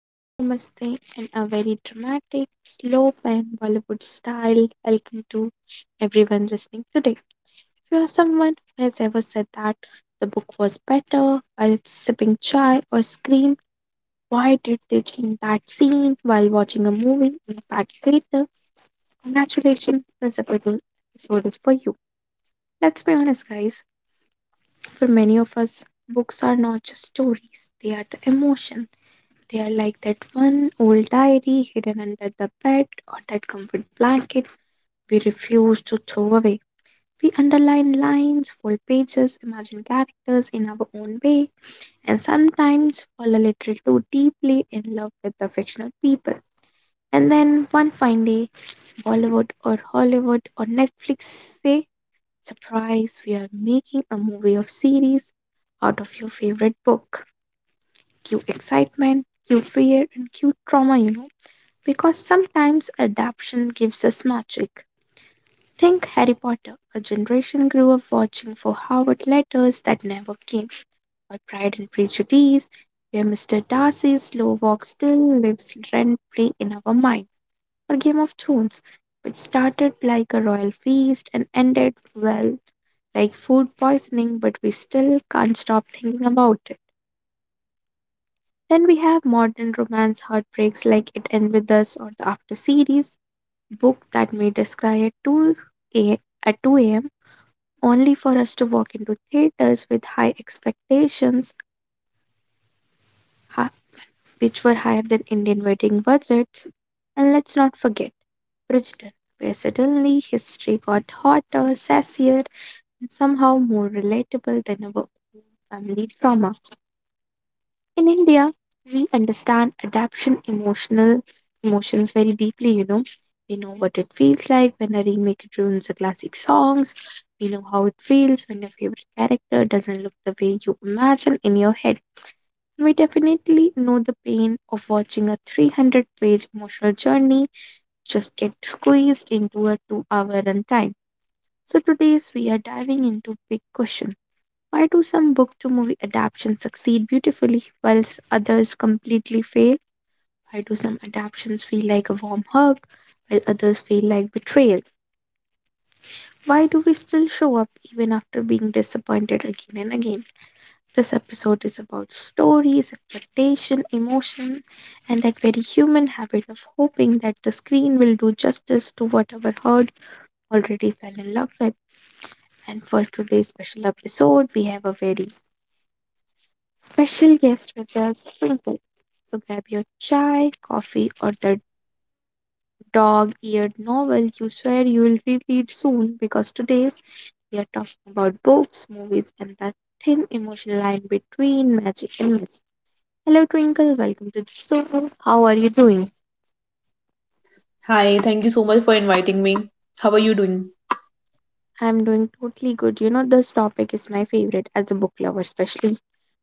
Hello, namaste, and a very dramatic, slow pan Bollywood style welcome to everyone listening today. If you are someone who has ever said that the book was better while sipping chai or screamed, why did they change that scene while watching a movie in a packed theater? Congratulations, this episode is for you. Let's be honest, guys. For many of us, books are not just stories, they are the emotion. They are like that one old diary hidden under the bed or that comfort blanket we refuse to throw away. We underline lines, fold pages, imagine characters in our own way, and sometimes fall a little too deeply in love with the fictional people. And then one fine day, Bollywood or Hollywood or Netflix say, surprise, we are making a movie of series out of your favorite book. Cue excitement, cue fear, and cue trauma, you know. Because sometimes adaptation gives us magic. Think Harry Potter. A generation grew up watching for Howard letters that never came, or Pride and Prejudice, where Mr. Darcy's slow walk still lives rent free in our minds, or Game of Thrones, which started like a royal feast and ended, well, like food poisoning, but we still can't stop thinking about it. Then we have modern romance heartbreaks like It Ends With Us or the After series, book that may us at 2 a, at 2 a.m. only for us to walk into theaters with high expectations hi- which were higher than Indian wedding budgets. And let's not forget Bridgerton, where suddenly history got hotter, sassier, and somehow more relatable than our own family trauma. In India, we understand adaptation emotional emotions very deeply, you know. We know what it feels like when a remake ruins the classic songs. We know how it feels when your favorite character doesn't look the way you imagine in your head. We definitely know the pain of watching a 300-page emotional journey just get squeezed into a 2 hour runtime. So, today's we are diving into big question. Why do some book to movie adaptations succeed beautifully whilst others completely fail? Why do some adaptations feel like a warm hug while others feel like betrayal? Why do we still show up even after being disappointed again and again? This episode is about stories, expectation, emotion, and that very human habit of hoping that the screen will do justice to whatever heart already fell in love with. And for today's special episode, we have a very special guest with us, Twinkle. So grab your chai, coffee, or the dog eared novel you swear you will reread soon because today's we are talking about books, movies, and that thin emotional line between magic and mystery. Hello, Twinkle. Welcome to the show. How are you doing? Hi, thank you so much for inviting me. How are you doing? I'm doing totally good. You know, this topic is my favorite as a book lover, especially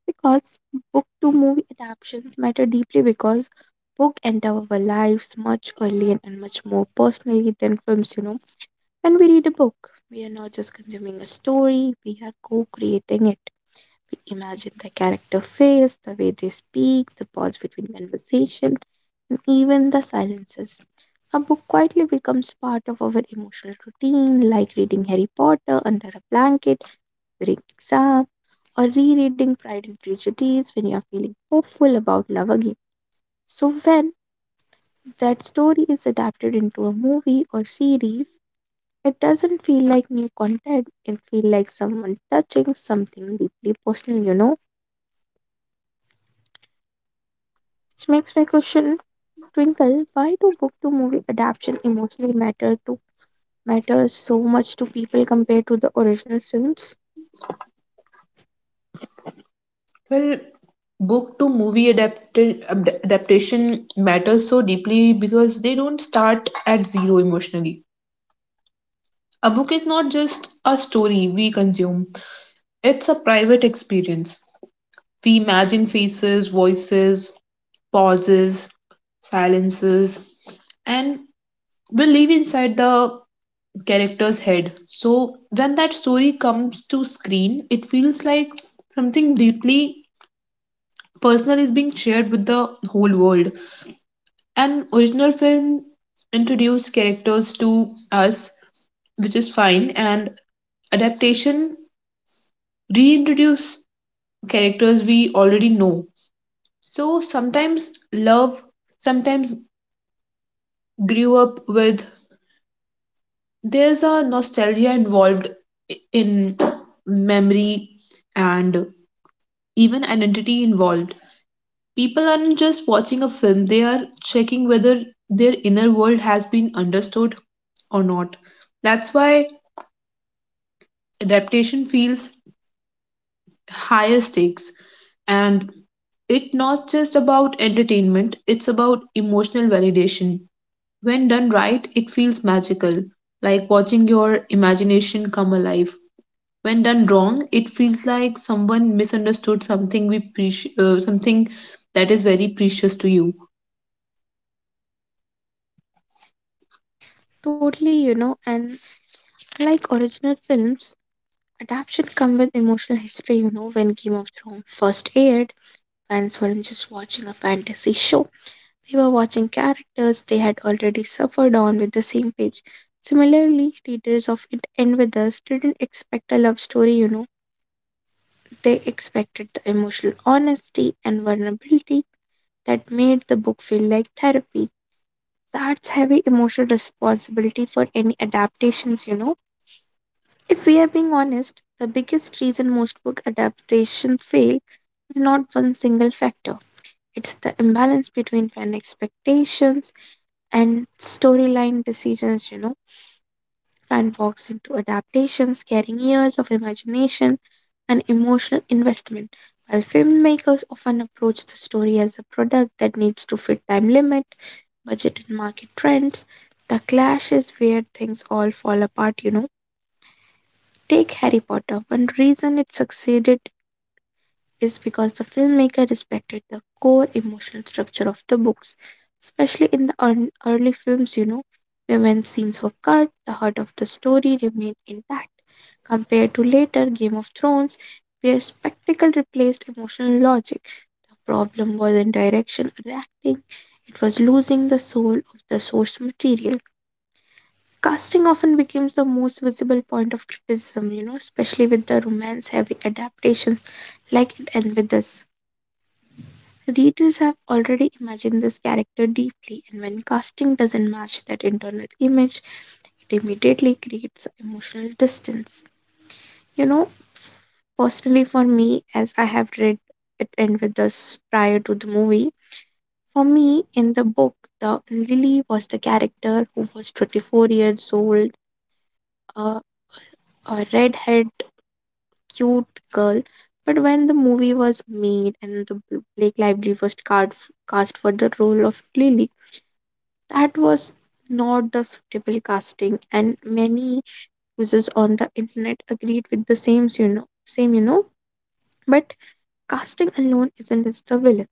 because book to movie adaptations matter deeply because book enter our lives much earlier and much more personally than films, you know. When we read a book, we are not just consuming a story, we are co-creating it. We imagine the character face, the way they speak, the pause between conversation, and even the silences. A book quietly becomes part of our emotional routine, like reading Harry Potter under a blanket during exams, or rereading Pride and Prejudice when you're feeling hopeful about love again. So, when that story is adapted into a movie or series, it doesn't feel like new content, it feels like someone touching something deeply personal, you know. It makes my question, Twinkle, why do book to movie adaptation emotionally matter to matter so much to people compared to the original films? Well, book to movie adaptation matters so deeply because they don't start at zero emotionally. A book is not just a story we consume, it's a private experience. We imagine faces, voices, pauses, silences, and we live inside the character's head. So when that story comes to screen, it feels like something deeply personal is being shared with the whole world. An original film introduced characters to us, which is fine, and adaptation reintroduce characters we already know. So sometimes love, sometimes grew up with. There's a nostalgia involved in memory and even identity involved. People aren't just watching a film, they are checking whether their inner world has been understood or not. That's why adaptation feels higher stakes and it's not just about entertainment, it's about emotional validation. When done right, it feels magical, like watching your imagination come alive. When done wrong, it feels like someone misunderstood something something that is very precious to you. Totally, you know, and like original films, Adaption come with emotional history, you know, when Game of Thrones first aired, fans weren't just watching a fantasy show. They were watching characters they had already suffered on with the same page. Similarly, readers of It End With Us didn't expect a love story, you know. They expected the emotional honesty and vulnerability that made the book feel like therapy. That's heavy emotional responsibility for any adaptations, you know. If we are being honest, the biggest reason most book adaptations fail is not one single factor. It's the imbalance between fan expectations and storyline decisions, you know. Fan walks into adaptations carrying years of imagination and emotional investment, while filmmakers often approach the story as a product that needs to fit time limit, budget and market trends. The clash is where things all fall apart, you know. Take Harry Potter. One reason it succeeded is because the filmmaker respected the core emotional structure of the books, especially in the early films, you know, where when scenes were cut, the heart of the story remained intact. Compared to later Game of Thrones, where spectacle replaced emotional logic, the problem wasn't direction or acting, it was losing the soul of the source material. Casting often becomes the most visible point of criticism, you know, especially with the romance heavy adaptations like it and with us. Readers have already imagined this character deeply, and when casting doesn't match that internal image, it immediately creates emotional distance. You know, personally for me, as I have read it and with us prior to the movie, for me in the book, the Lily was the character who was 24 years old, uh, a redhead cute girl. But when the movie was made and the Blake Lively was cast for the role of Lily, that was not the suitable casting, and many users on the internet agreed with the same, you know, same, you know. But casting alone isn't just the villain.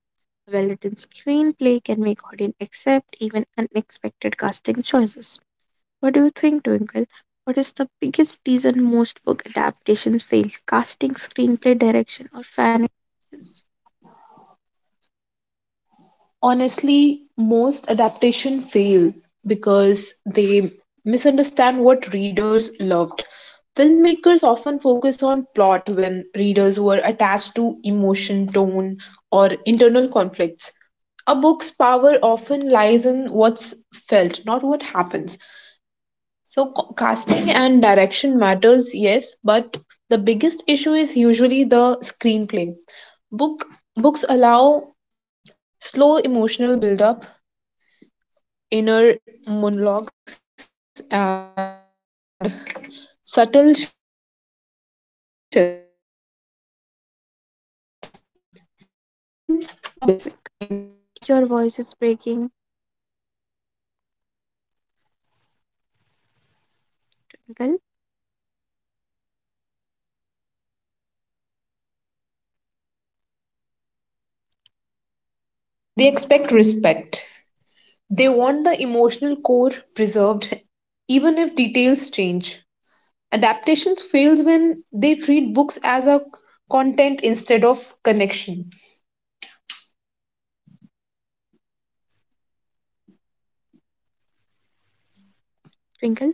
A well-written screenplay can make audience accept even unexpected casting choices. What do you think, Twinkle? What is the biggest reason most book adaptations fail? Casting, screenplay direction, or fan actions? Honestly, most adaptation fail because they misunderstand what readers loved. Filmmakers often focus on plot when readers were attached to emotion, tone, or internal conflicts. A book's power often lies in what's felt, not what happens. So, casting and direction matters, yes, but the biggest issue is usually the screenplay. Book Books allow slow emotional build up inner monologues, and subtle shifts. Films compress, and if the screenplay doesn't translate inner worlds Twinkle, your voice into is visual breaking. language, the story feels hollow. Fan Twinkle, expectations also play a role, but they are often blamed unfairly because fans don't expect perfection, they expect respect. They want the emotional core preserved even if details change. Adaptations fails when they treat books as a content instead of connection. Twinkle.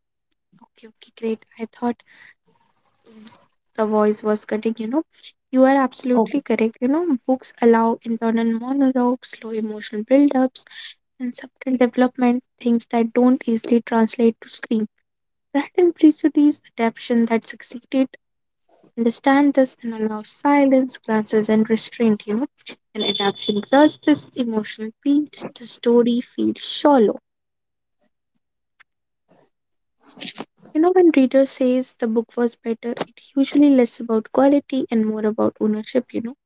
Yes. Okay, okay, great. I thought the voice was cutting. You know, you are absolutely correct. You know, Okay. books allow internal monologues, slow emotional build-ups, and subtle development. Things that don't easily translate to screen. Pride and Prejudice adaptation that succeeded understand this and allow silence, glances, and restraint, you know. And adaptation does this emotional piece, the story feels shallow. You know, when reader says the book was better, it usually less about quality and more about ownership, you know.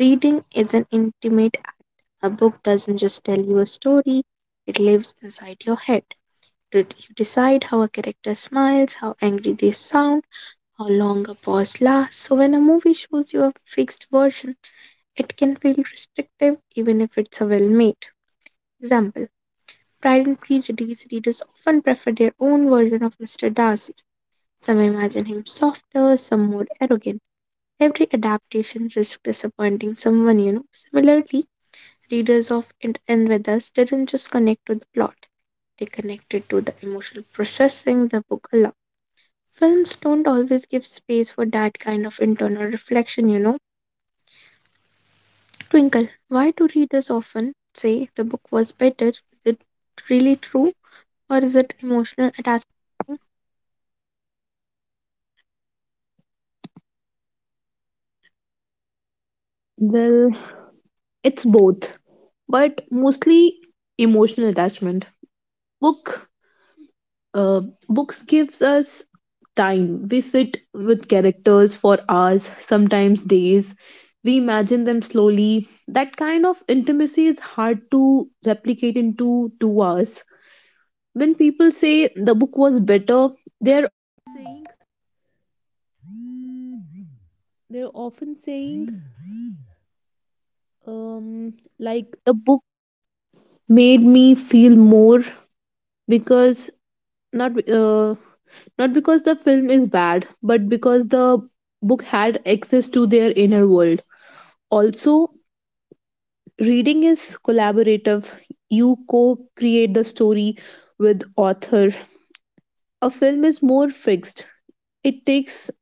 Reading is an intimate act. A book doesn't just tell you a story, it lives inside your head. Did you decide how a character smiles, how angry they sound, how long a pause lasts. So when a movie shows you a fixed version, it can feel restrictive even if it's a well made. Example, Pride and Prejudice readers often prefer their own version of Mr. Darcy. Some imagine him softer, some more arrogant. Every adaptation risks disappointing someone, you know. Similarly, readers of It and With Us didn't just connect to the plot, they connected to the emotional processing the book allowed. Films don't always give space for that kind of internal reflection, you know. Twinkle, why do readers often say the book was better? Is it really true or is it emotional attachment? Well, it's both, but mostly emotional attachment. Book, uh, Books gives us time. We sit with characters for hours, sometimes days. We imagine them slowly. That kind of intimacy is hard to replicate into 2 hours. When people say the book was better, they because not not because the film is bad, but because the book had access to their inner world. Also, reading is collaborative. You co-create the story with author. A film is more fixed. It takes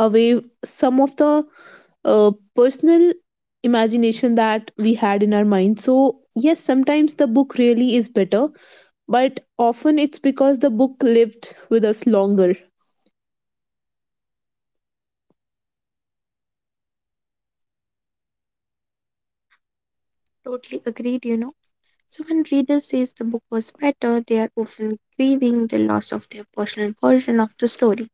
away some of the uh, personal imagination that we had in our mind. So, yes, sometimes the book really is better, but often it's because the book lived with us longer. Totally agreed, you know. So when readers says the book was better, they are often grieving the loss of their personal version of the story.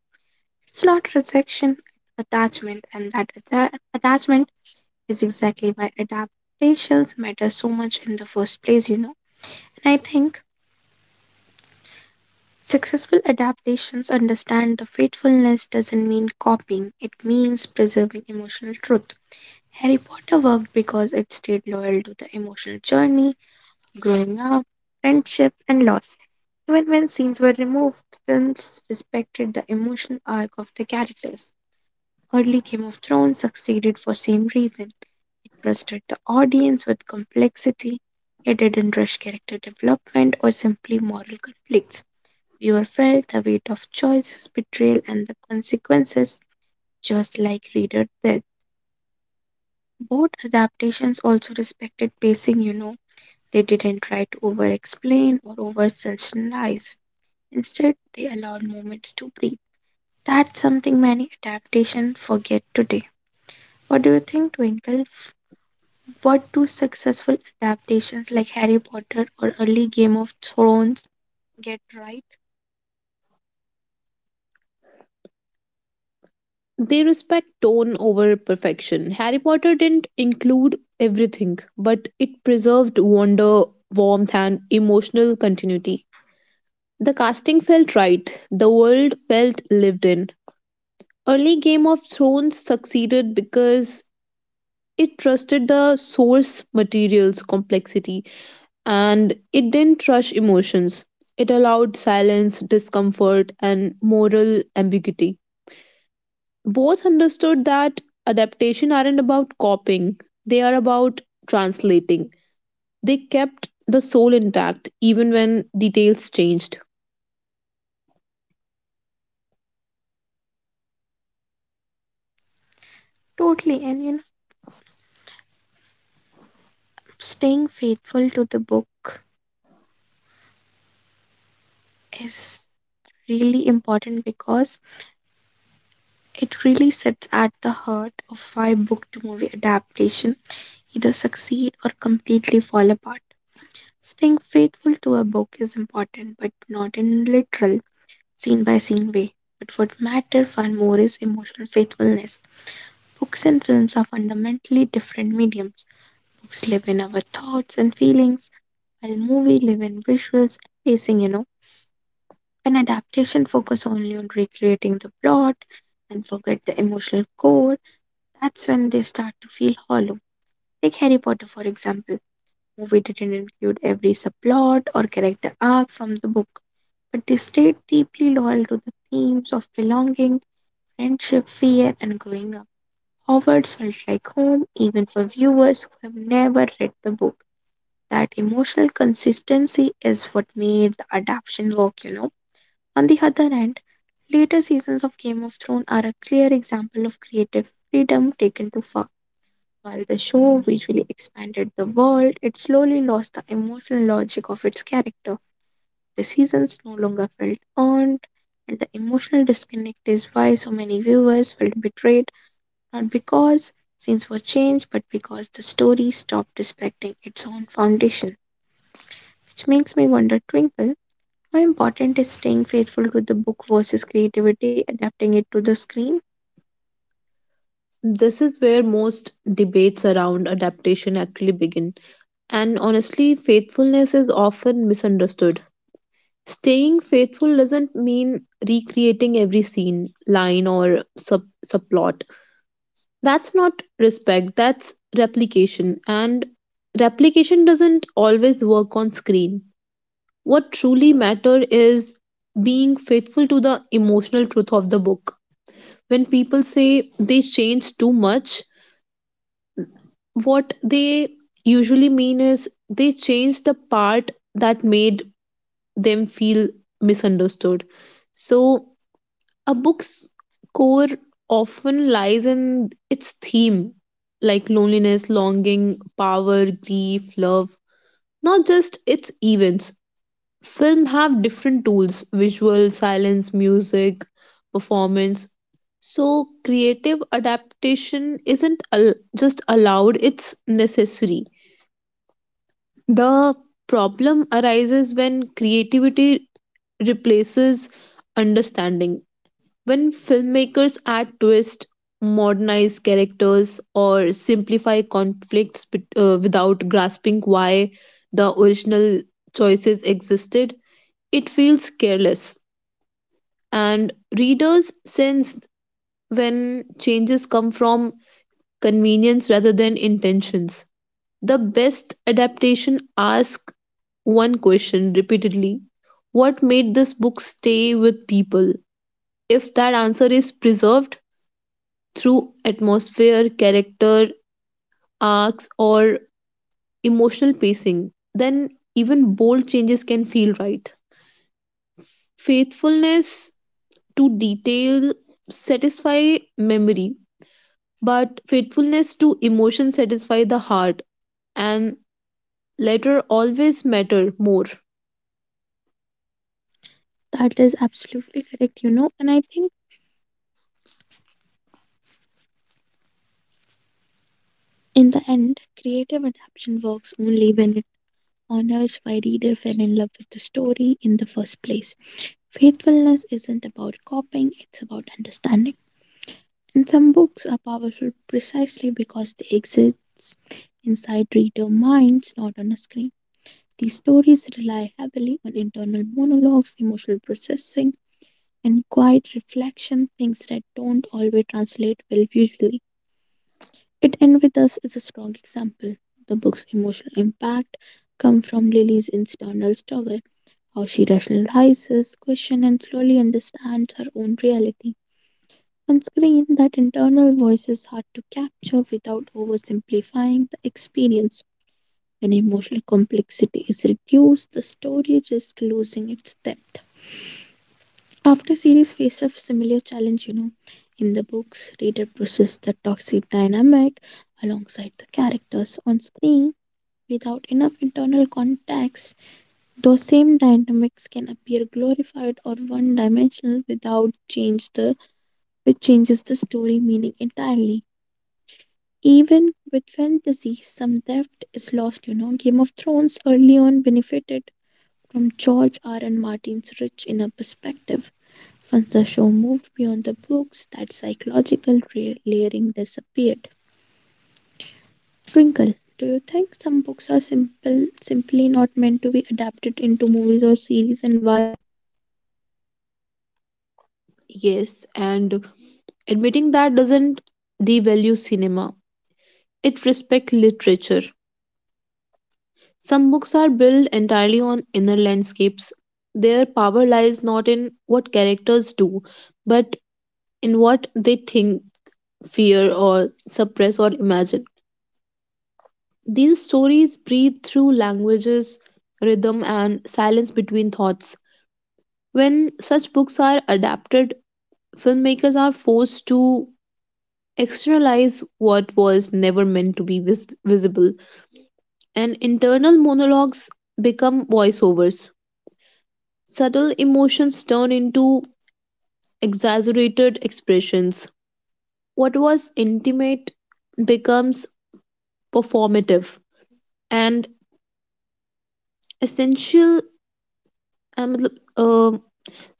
It's not rejection, it's attachment, and that attachment is exactly why adaptations matter so much in the first place, you know. And I think successful adaptations understand that faithfulness doesn't mean copying, it means preserving emotional truth. Harry Potter worked because it stayed loyal to the emotional journey, growing up, friendship, and loss. Even when scenes were removed, films respected the emotional arc of the characters. Early Game of Thrones succeeded for same reason. It trusted the audience with complexity, it didn't rush character development or simply moral conflicts. Viewer felt the weight of Joyce's betrayal and the consequences, just like reader did. Both adaptations also respected pacing, you know. They didn't try to over explain or over sensationalize. Instead, they allowed moments to breathe. That's something many adaptations forget today. What do you think, Twinkle? What do successful adaptations like Harry Potter or early Game of Thrones get right? They respect tone over perfection. Harry Potter didn't include everything, but it preserved wonder, warmth, and emotional continuity. The casting felt right, the world felt lived in. Early Game of Thrones succeeded because it trusted the source material's complexity and it didn't rush emotions. It allowed silence, discomfort, and moral ambiguity. Both understood that adaptation aren't about copying, they are about translating. They kept the soul intact even when details changed. Totally, and you know, staying faithful to the book is really important because it really sits at the heart of why book to movie adaptation either succeed or completely fall apart. Staying faithful to a book is important, but not in literal, scene by scene way. But what matters far more is emotional faithfulness. Books and films are fundamentally different mediums. Books live in our thoughts and feelings, while movies live in visuals and pacing, you know. An adaptation focuses only on recreating the plot and forget the emotional core. That's when they start to feel hollow. Take Harry Potter for example. Movie didn't include every subplot or character arc from the book, but they stayed deeply loyal to the themes of belonging, friendship, fear, and growing up. Hogwarts felt like home even for viewers who have never read the book. That emotional consistency is what made the adaptation work. On the other hand, later seasons of Game of Thrones are a clear example of creative freedom taken too far. While the show visually expanded the world, it slowly lost the emotional logic of its character. The seasons no longer felt earned, and the emotional disconnect is why so many viewers felt betrayed, not because scenes were changed, but because the story stopped respecting its own foundation. Which makes me wonder, Twinkle, how important is staying faithful to the book versus creativity, adapting it to the screen? This is where most debates around adaptation actually begin. And honestly, faithfulness is often misunderstood. Staying faithful doesn't mean recreating every scene, line, or subplot. That's not respect, that's replication. And replication doesn't always work on screen. What truly matters is being faithful to the emotional truth of the book. When people say they changed too much, what they usually mean is they changed the part that made them feel misunderstood. So a book's core often lies in its theme, like loneliness, longing, power, grief, love, not just its events. Film have different tools, visual, silence, music, performance. So creative adaptation isn't just allowed, it's necessary. The problem arises when creativity replaces understanding when filmmakers add twist, modernize characters, or simplify conflicts without grasping why the original choices existed, it feels careless. And readers sense when changes come from convenience rather than intentions. The best adaptation asks one question repeatedly. What made this book stay with people? If that answer is preserved, through atmosphere, character arcs, or emotional pacing, then even bold changes can feel right. Faithfulness to detail satisfy memory, but faithfulness to emotion satisfy the heart, and latter always matter more. That is absolutely correct, and I think in the end, creative adaptation works only when it honors why reader fell in love with the story in the first place. Faithfulness isn't about copying, it's about understanding. And some books are powerful precisely because they exist inside reader minds, not on a screen. These stories rely heavily on internal monologues, emotional processing, and quiet reflection, things that don't always translate well visually. It End With Us is a strong example. The book's emotional impact comes from Lily's internal struggle, how she rationalizes, questions, and slowly understands her own reality. On screen, that internal voice is hard to capture without oversimplifying the experience. When emotional complexity is reduced, the story risks losing its depth. After series face a similar challenge. In the books, reader process the toxic dynamic alongside the characters on screen without enough internal context. Those same dynamics can appear glorified or one-dimensional without change the which changes the story meaning entirely. Even with fantasy, some depth is lost. Game of Thrones early on benefited from George R. R. Martin's rich inner perspective once the show moved beyond the books, that psychological layering disappeared. Twinkle, do you think some books are simply not meant to be adapted into movies or series, and why? Yes, and admitting that doesn't devalue cinema; it respects literature. Some books are built entirely on inner landscapes. Their power lies not in what characters do, but in what they think, fear, or suppress or imagine. These stories breathe through languages, rhythm, and silence between thoughts. When such books are adapted, filmmakers are forced to externalize what was never meant to be visible, and internal monologues become voiceovers. Subtle emotions turn into exaggerated expressions. What was intimate becomes performative and essential. And uh,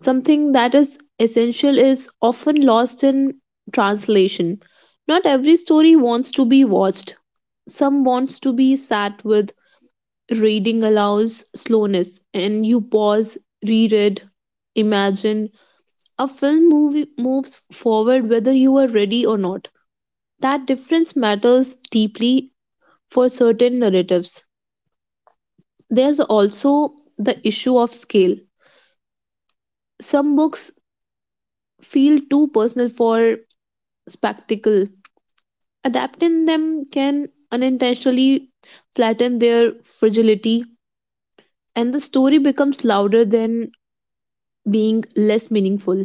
something that is essential is often lost in translation. Not every story wants to be watched. Some wants to be sat with. Reading allows slowness, and you pause, reread, imagine. A film movie moves forward whether you are ready or not. That difference matters deeply for certain narratives. There's also the issue of scale. Some books feel too personal for spectacle. Adapting them can unintentionally flatten their fragility, and the story becomes louder than being less meaningful.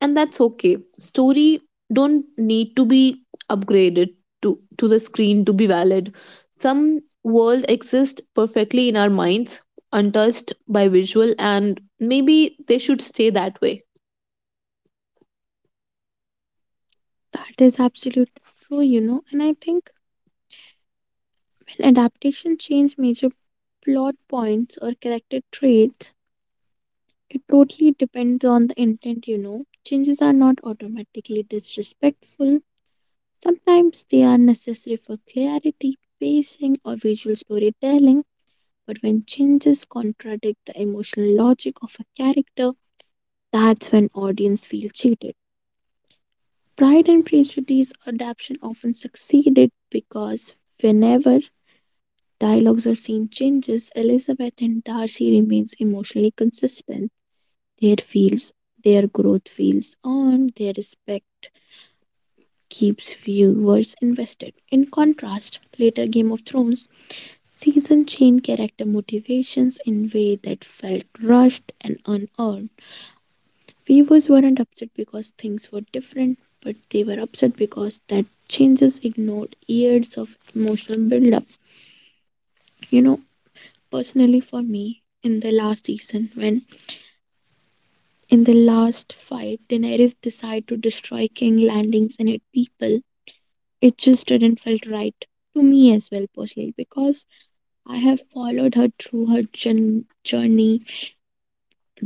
And that's okay, story don't need to be upgraded to the screen to be valid. Some world exist perfectly in our minds, untouched by visual, and maybe they should stay that way. That is absolutely true, you know. And I think when adaptations change major plot points or character traits, it totally depends on the intent, you know. Changes are not automatically disrespectful. Sometimes they are necessary for clarity, pacing, or visual storytelling. But when changes contradict the emotional logic of a character, that's when audience feel cheated. Pride and Prejudice adaptation often succeeded because whenever dialogues or scene changes, Elizabeth and Darcy remains emotionally consistent. Their feels, their growth feels earned, their respect keeps viewers invested. In contrast, later Game of Thrones season changed character motivations in way that felt rushed and unearned. Viewers weren't upset because things were different, but they were upset because that changes ignored years of emotional build-up. You know, personally for me, in the last season, when in the last fight Daenerys decided to destroy King Landings and its people, it just didn't felt right to me as well personally because I have followed her through her jour- journey,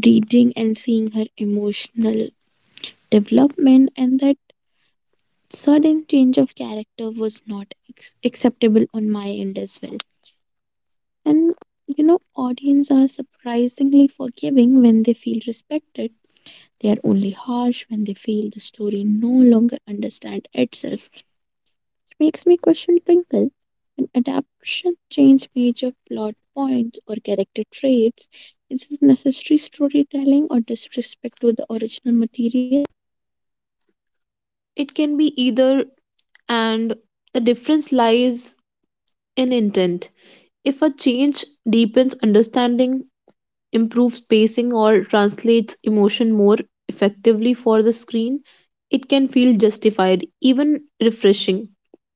reading and seeing her emotional development, and that sudden change of character was not ex- acceptable on my end as well. And you know, audience are surprisingly forgiving when they feel respected. They are only harsh when they feel the story no longer understand itself. It makes me question Twinkle. When adaptation change major plot points or character traits, is this necessary storytelling or disrespect to the original material? It can be either, and the difference lies in intent. If a change deepens understanding, improves pacing, or translates emotion more effectively for the screen, it can feel justified, even refreshing.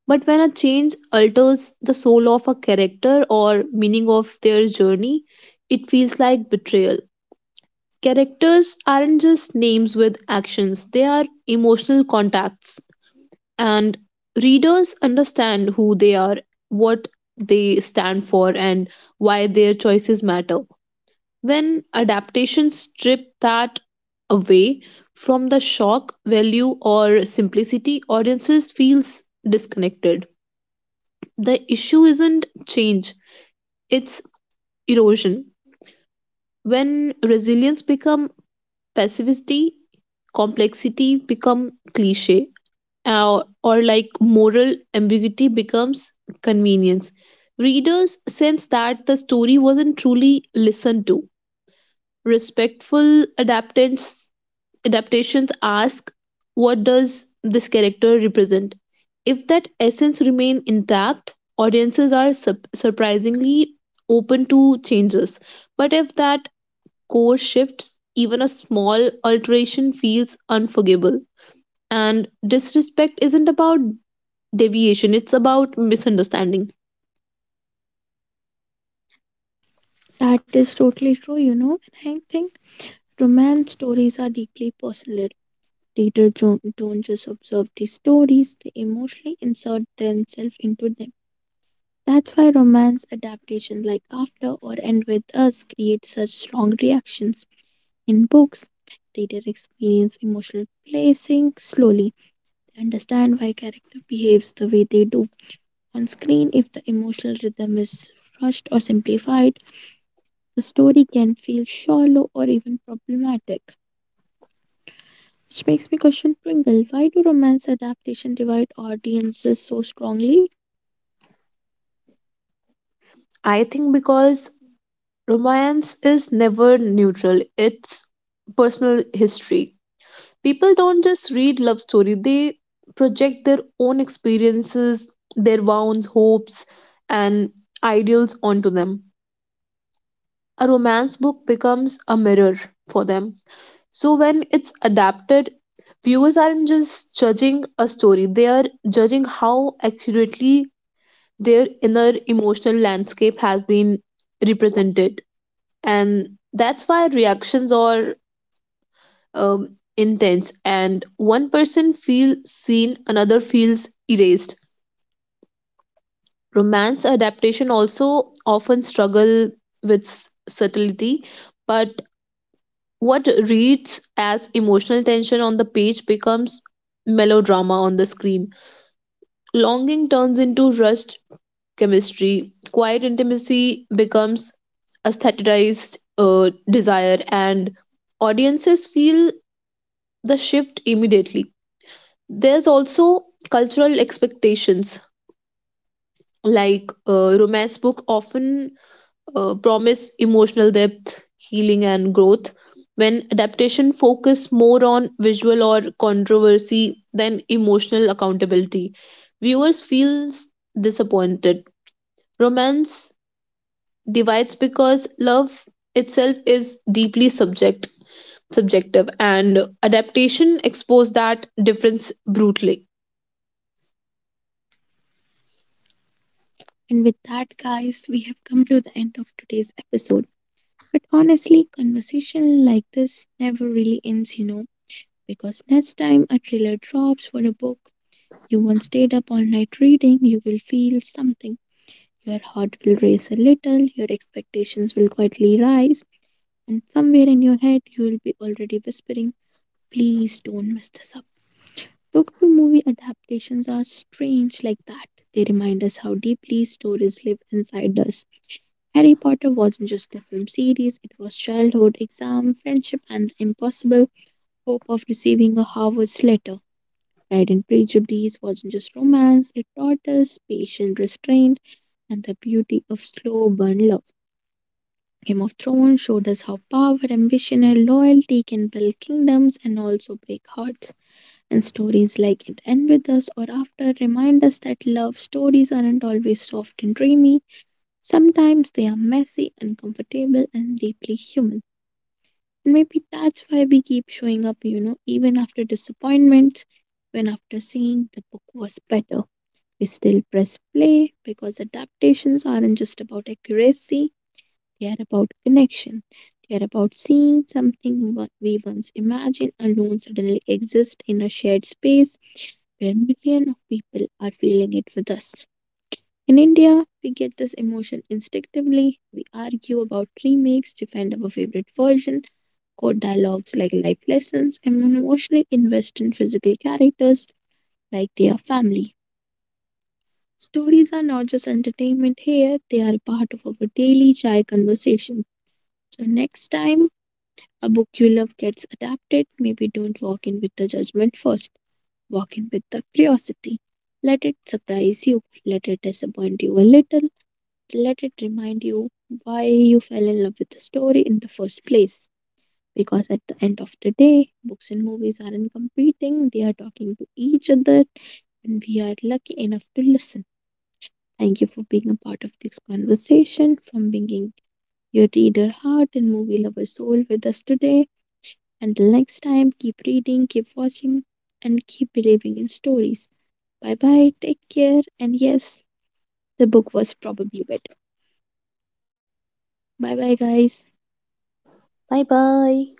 But when a change alters the soul of a character or meaning of their journey, it feels like betrayal. Characters aren't just names with actions, they are emotional contacts, and readers understand who they are, what they stand for, and why their choices matter. When adaptations strip that away from the shock value or simplicity, audiences feels disconnected. The issue isn't change, it's erosion. When resilience become passivity, complexity become cliche, or like moral ambiguity becomes convenience. Readers sense that the story wasn't truly listened to. Respectful adaptations ask, what does this character represent? If that essence remains intact, audiences are surprisingly open to changes, but if that core shifts, even a small alteration feels unforgivable, and disrespect isn't about deviation, it's about misunderstanding. That is totally true, you know. And I think Romance stories are deeply personal. Readers don't just observe the stories, they emotionally insert themselves into them. That's why romance adaptations like After or End With Us create such strong reactions. In books, readers experience emotional placing slowly. They understand why character behaves the way they do. On screen, if the emotional rhythm is rushed or simplified, the story can feel shallow or even problematic. Which makes me question Pringle. Why do romance adaptation divide audiences so strongly? I think because romance is never neutral, it's personal history. People don't just read love story, they project their own experiences, their wounds, hopes, and ideals onto them. A romance book becomes a mirror for them. So when it's adapted, viewers aren't just judging a story, they are judging how accurately their inner emotional landscape has been represented. And that's why reactions or um, intense, and one person feels seen, another feels erased. Romance adaptation also often struggle with subtlety, but what reads as emotional tension on the page becomes melodrama on the screen. Longing turns into rushed chemistry, quiet intimacy becomes aestheticized desire, and audiences feel the shift immediately. There's also cultural expectations, like romance book often promise emotional depth, healing, and growth. When adaptation focus more on visual or controversy than emotional accountability, viewers feel disappointed. Romance divides because love itself is deeply subjective, and adaptation expose that difference brutally. And with that, guys, we have come to the end of today's episode. But honestly, conversation like this never really ends, you know, because next time a trailer drops for a book you once stayed up all night reading, you will feel something. Your heart will race a little, your expectations will quietly rise, and somewhere in your head you will be already whispering, Please don't mess this up. Book to movie adaptations are strange like that. They remind us how deeply stories live inside us. Harry Potter wasn't just a film series, it was childhood, exam, friendship, and the impossible hope of receiving a Harvard's letter. Pride and Prejudice wasn't just romance, it taught us patient restraint and the beauty of slow burn love. Game of Thrones showed us how power, ambition, and loyalty can build kingdoms and also break hearts and stories like it end with us or after remind us that love stories aren't always soft and dreamy. Sometimes they are messy, uncomfortable, and deeply human. And maybe that's why we keep showing up, even after disappointments, when after seeing the book was better. We still press play because adaptations aren't just about accuracy, they are about connection. They are about seeing something what we once imagined alone suddenly exist in a shared space where millions of people are feeling it with us. In India, we get this emotion instinctively. We argue about remakes, defend our favorite version, quote dialogues like life lessons, and emotionally invest in physical characters like they are family. Stories are not just entertainment here, they are a part of our daily chai conversation. So, next time A book you love gets adapted. Maybe don't walk in with the judgment first. Walk in with the curiosity. Let it surprise you. Let it disappoint you a little. Let it remind you why you fell in love with the story in the first place. Because at the end of the day, books and movies aren't competing, they are talking to each other, and we are lucky enough to listen. Thank you for being a part of this conversation, from bringing your reader heart and movie lover soul with us today. Until next time, keep reading, keep watching, and keep believing in stories. Bye bye, take care, and yes, the book was probably better. Bye bye, guys. Bye bye.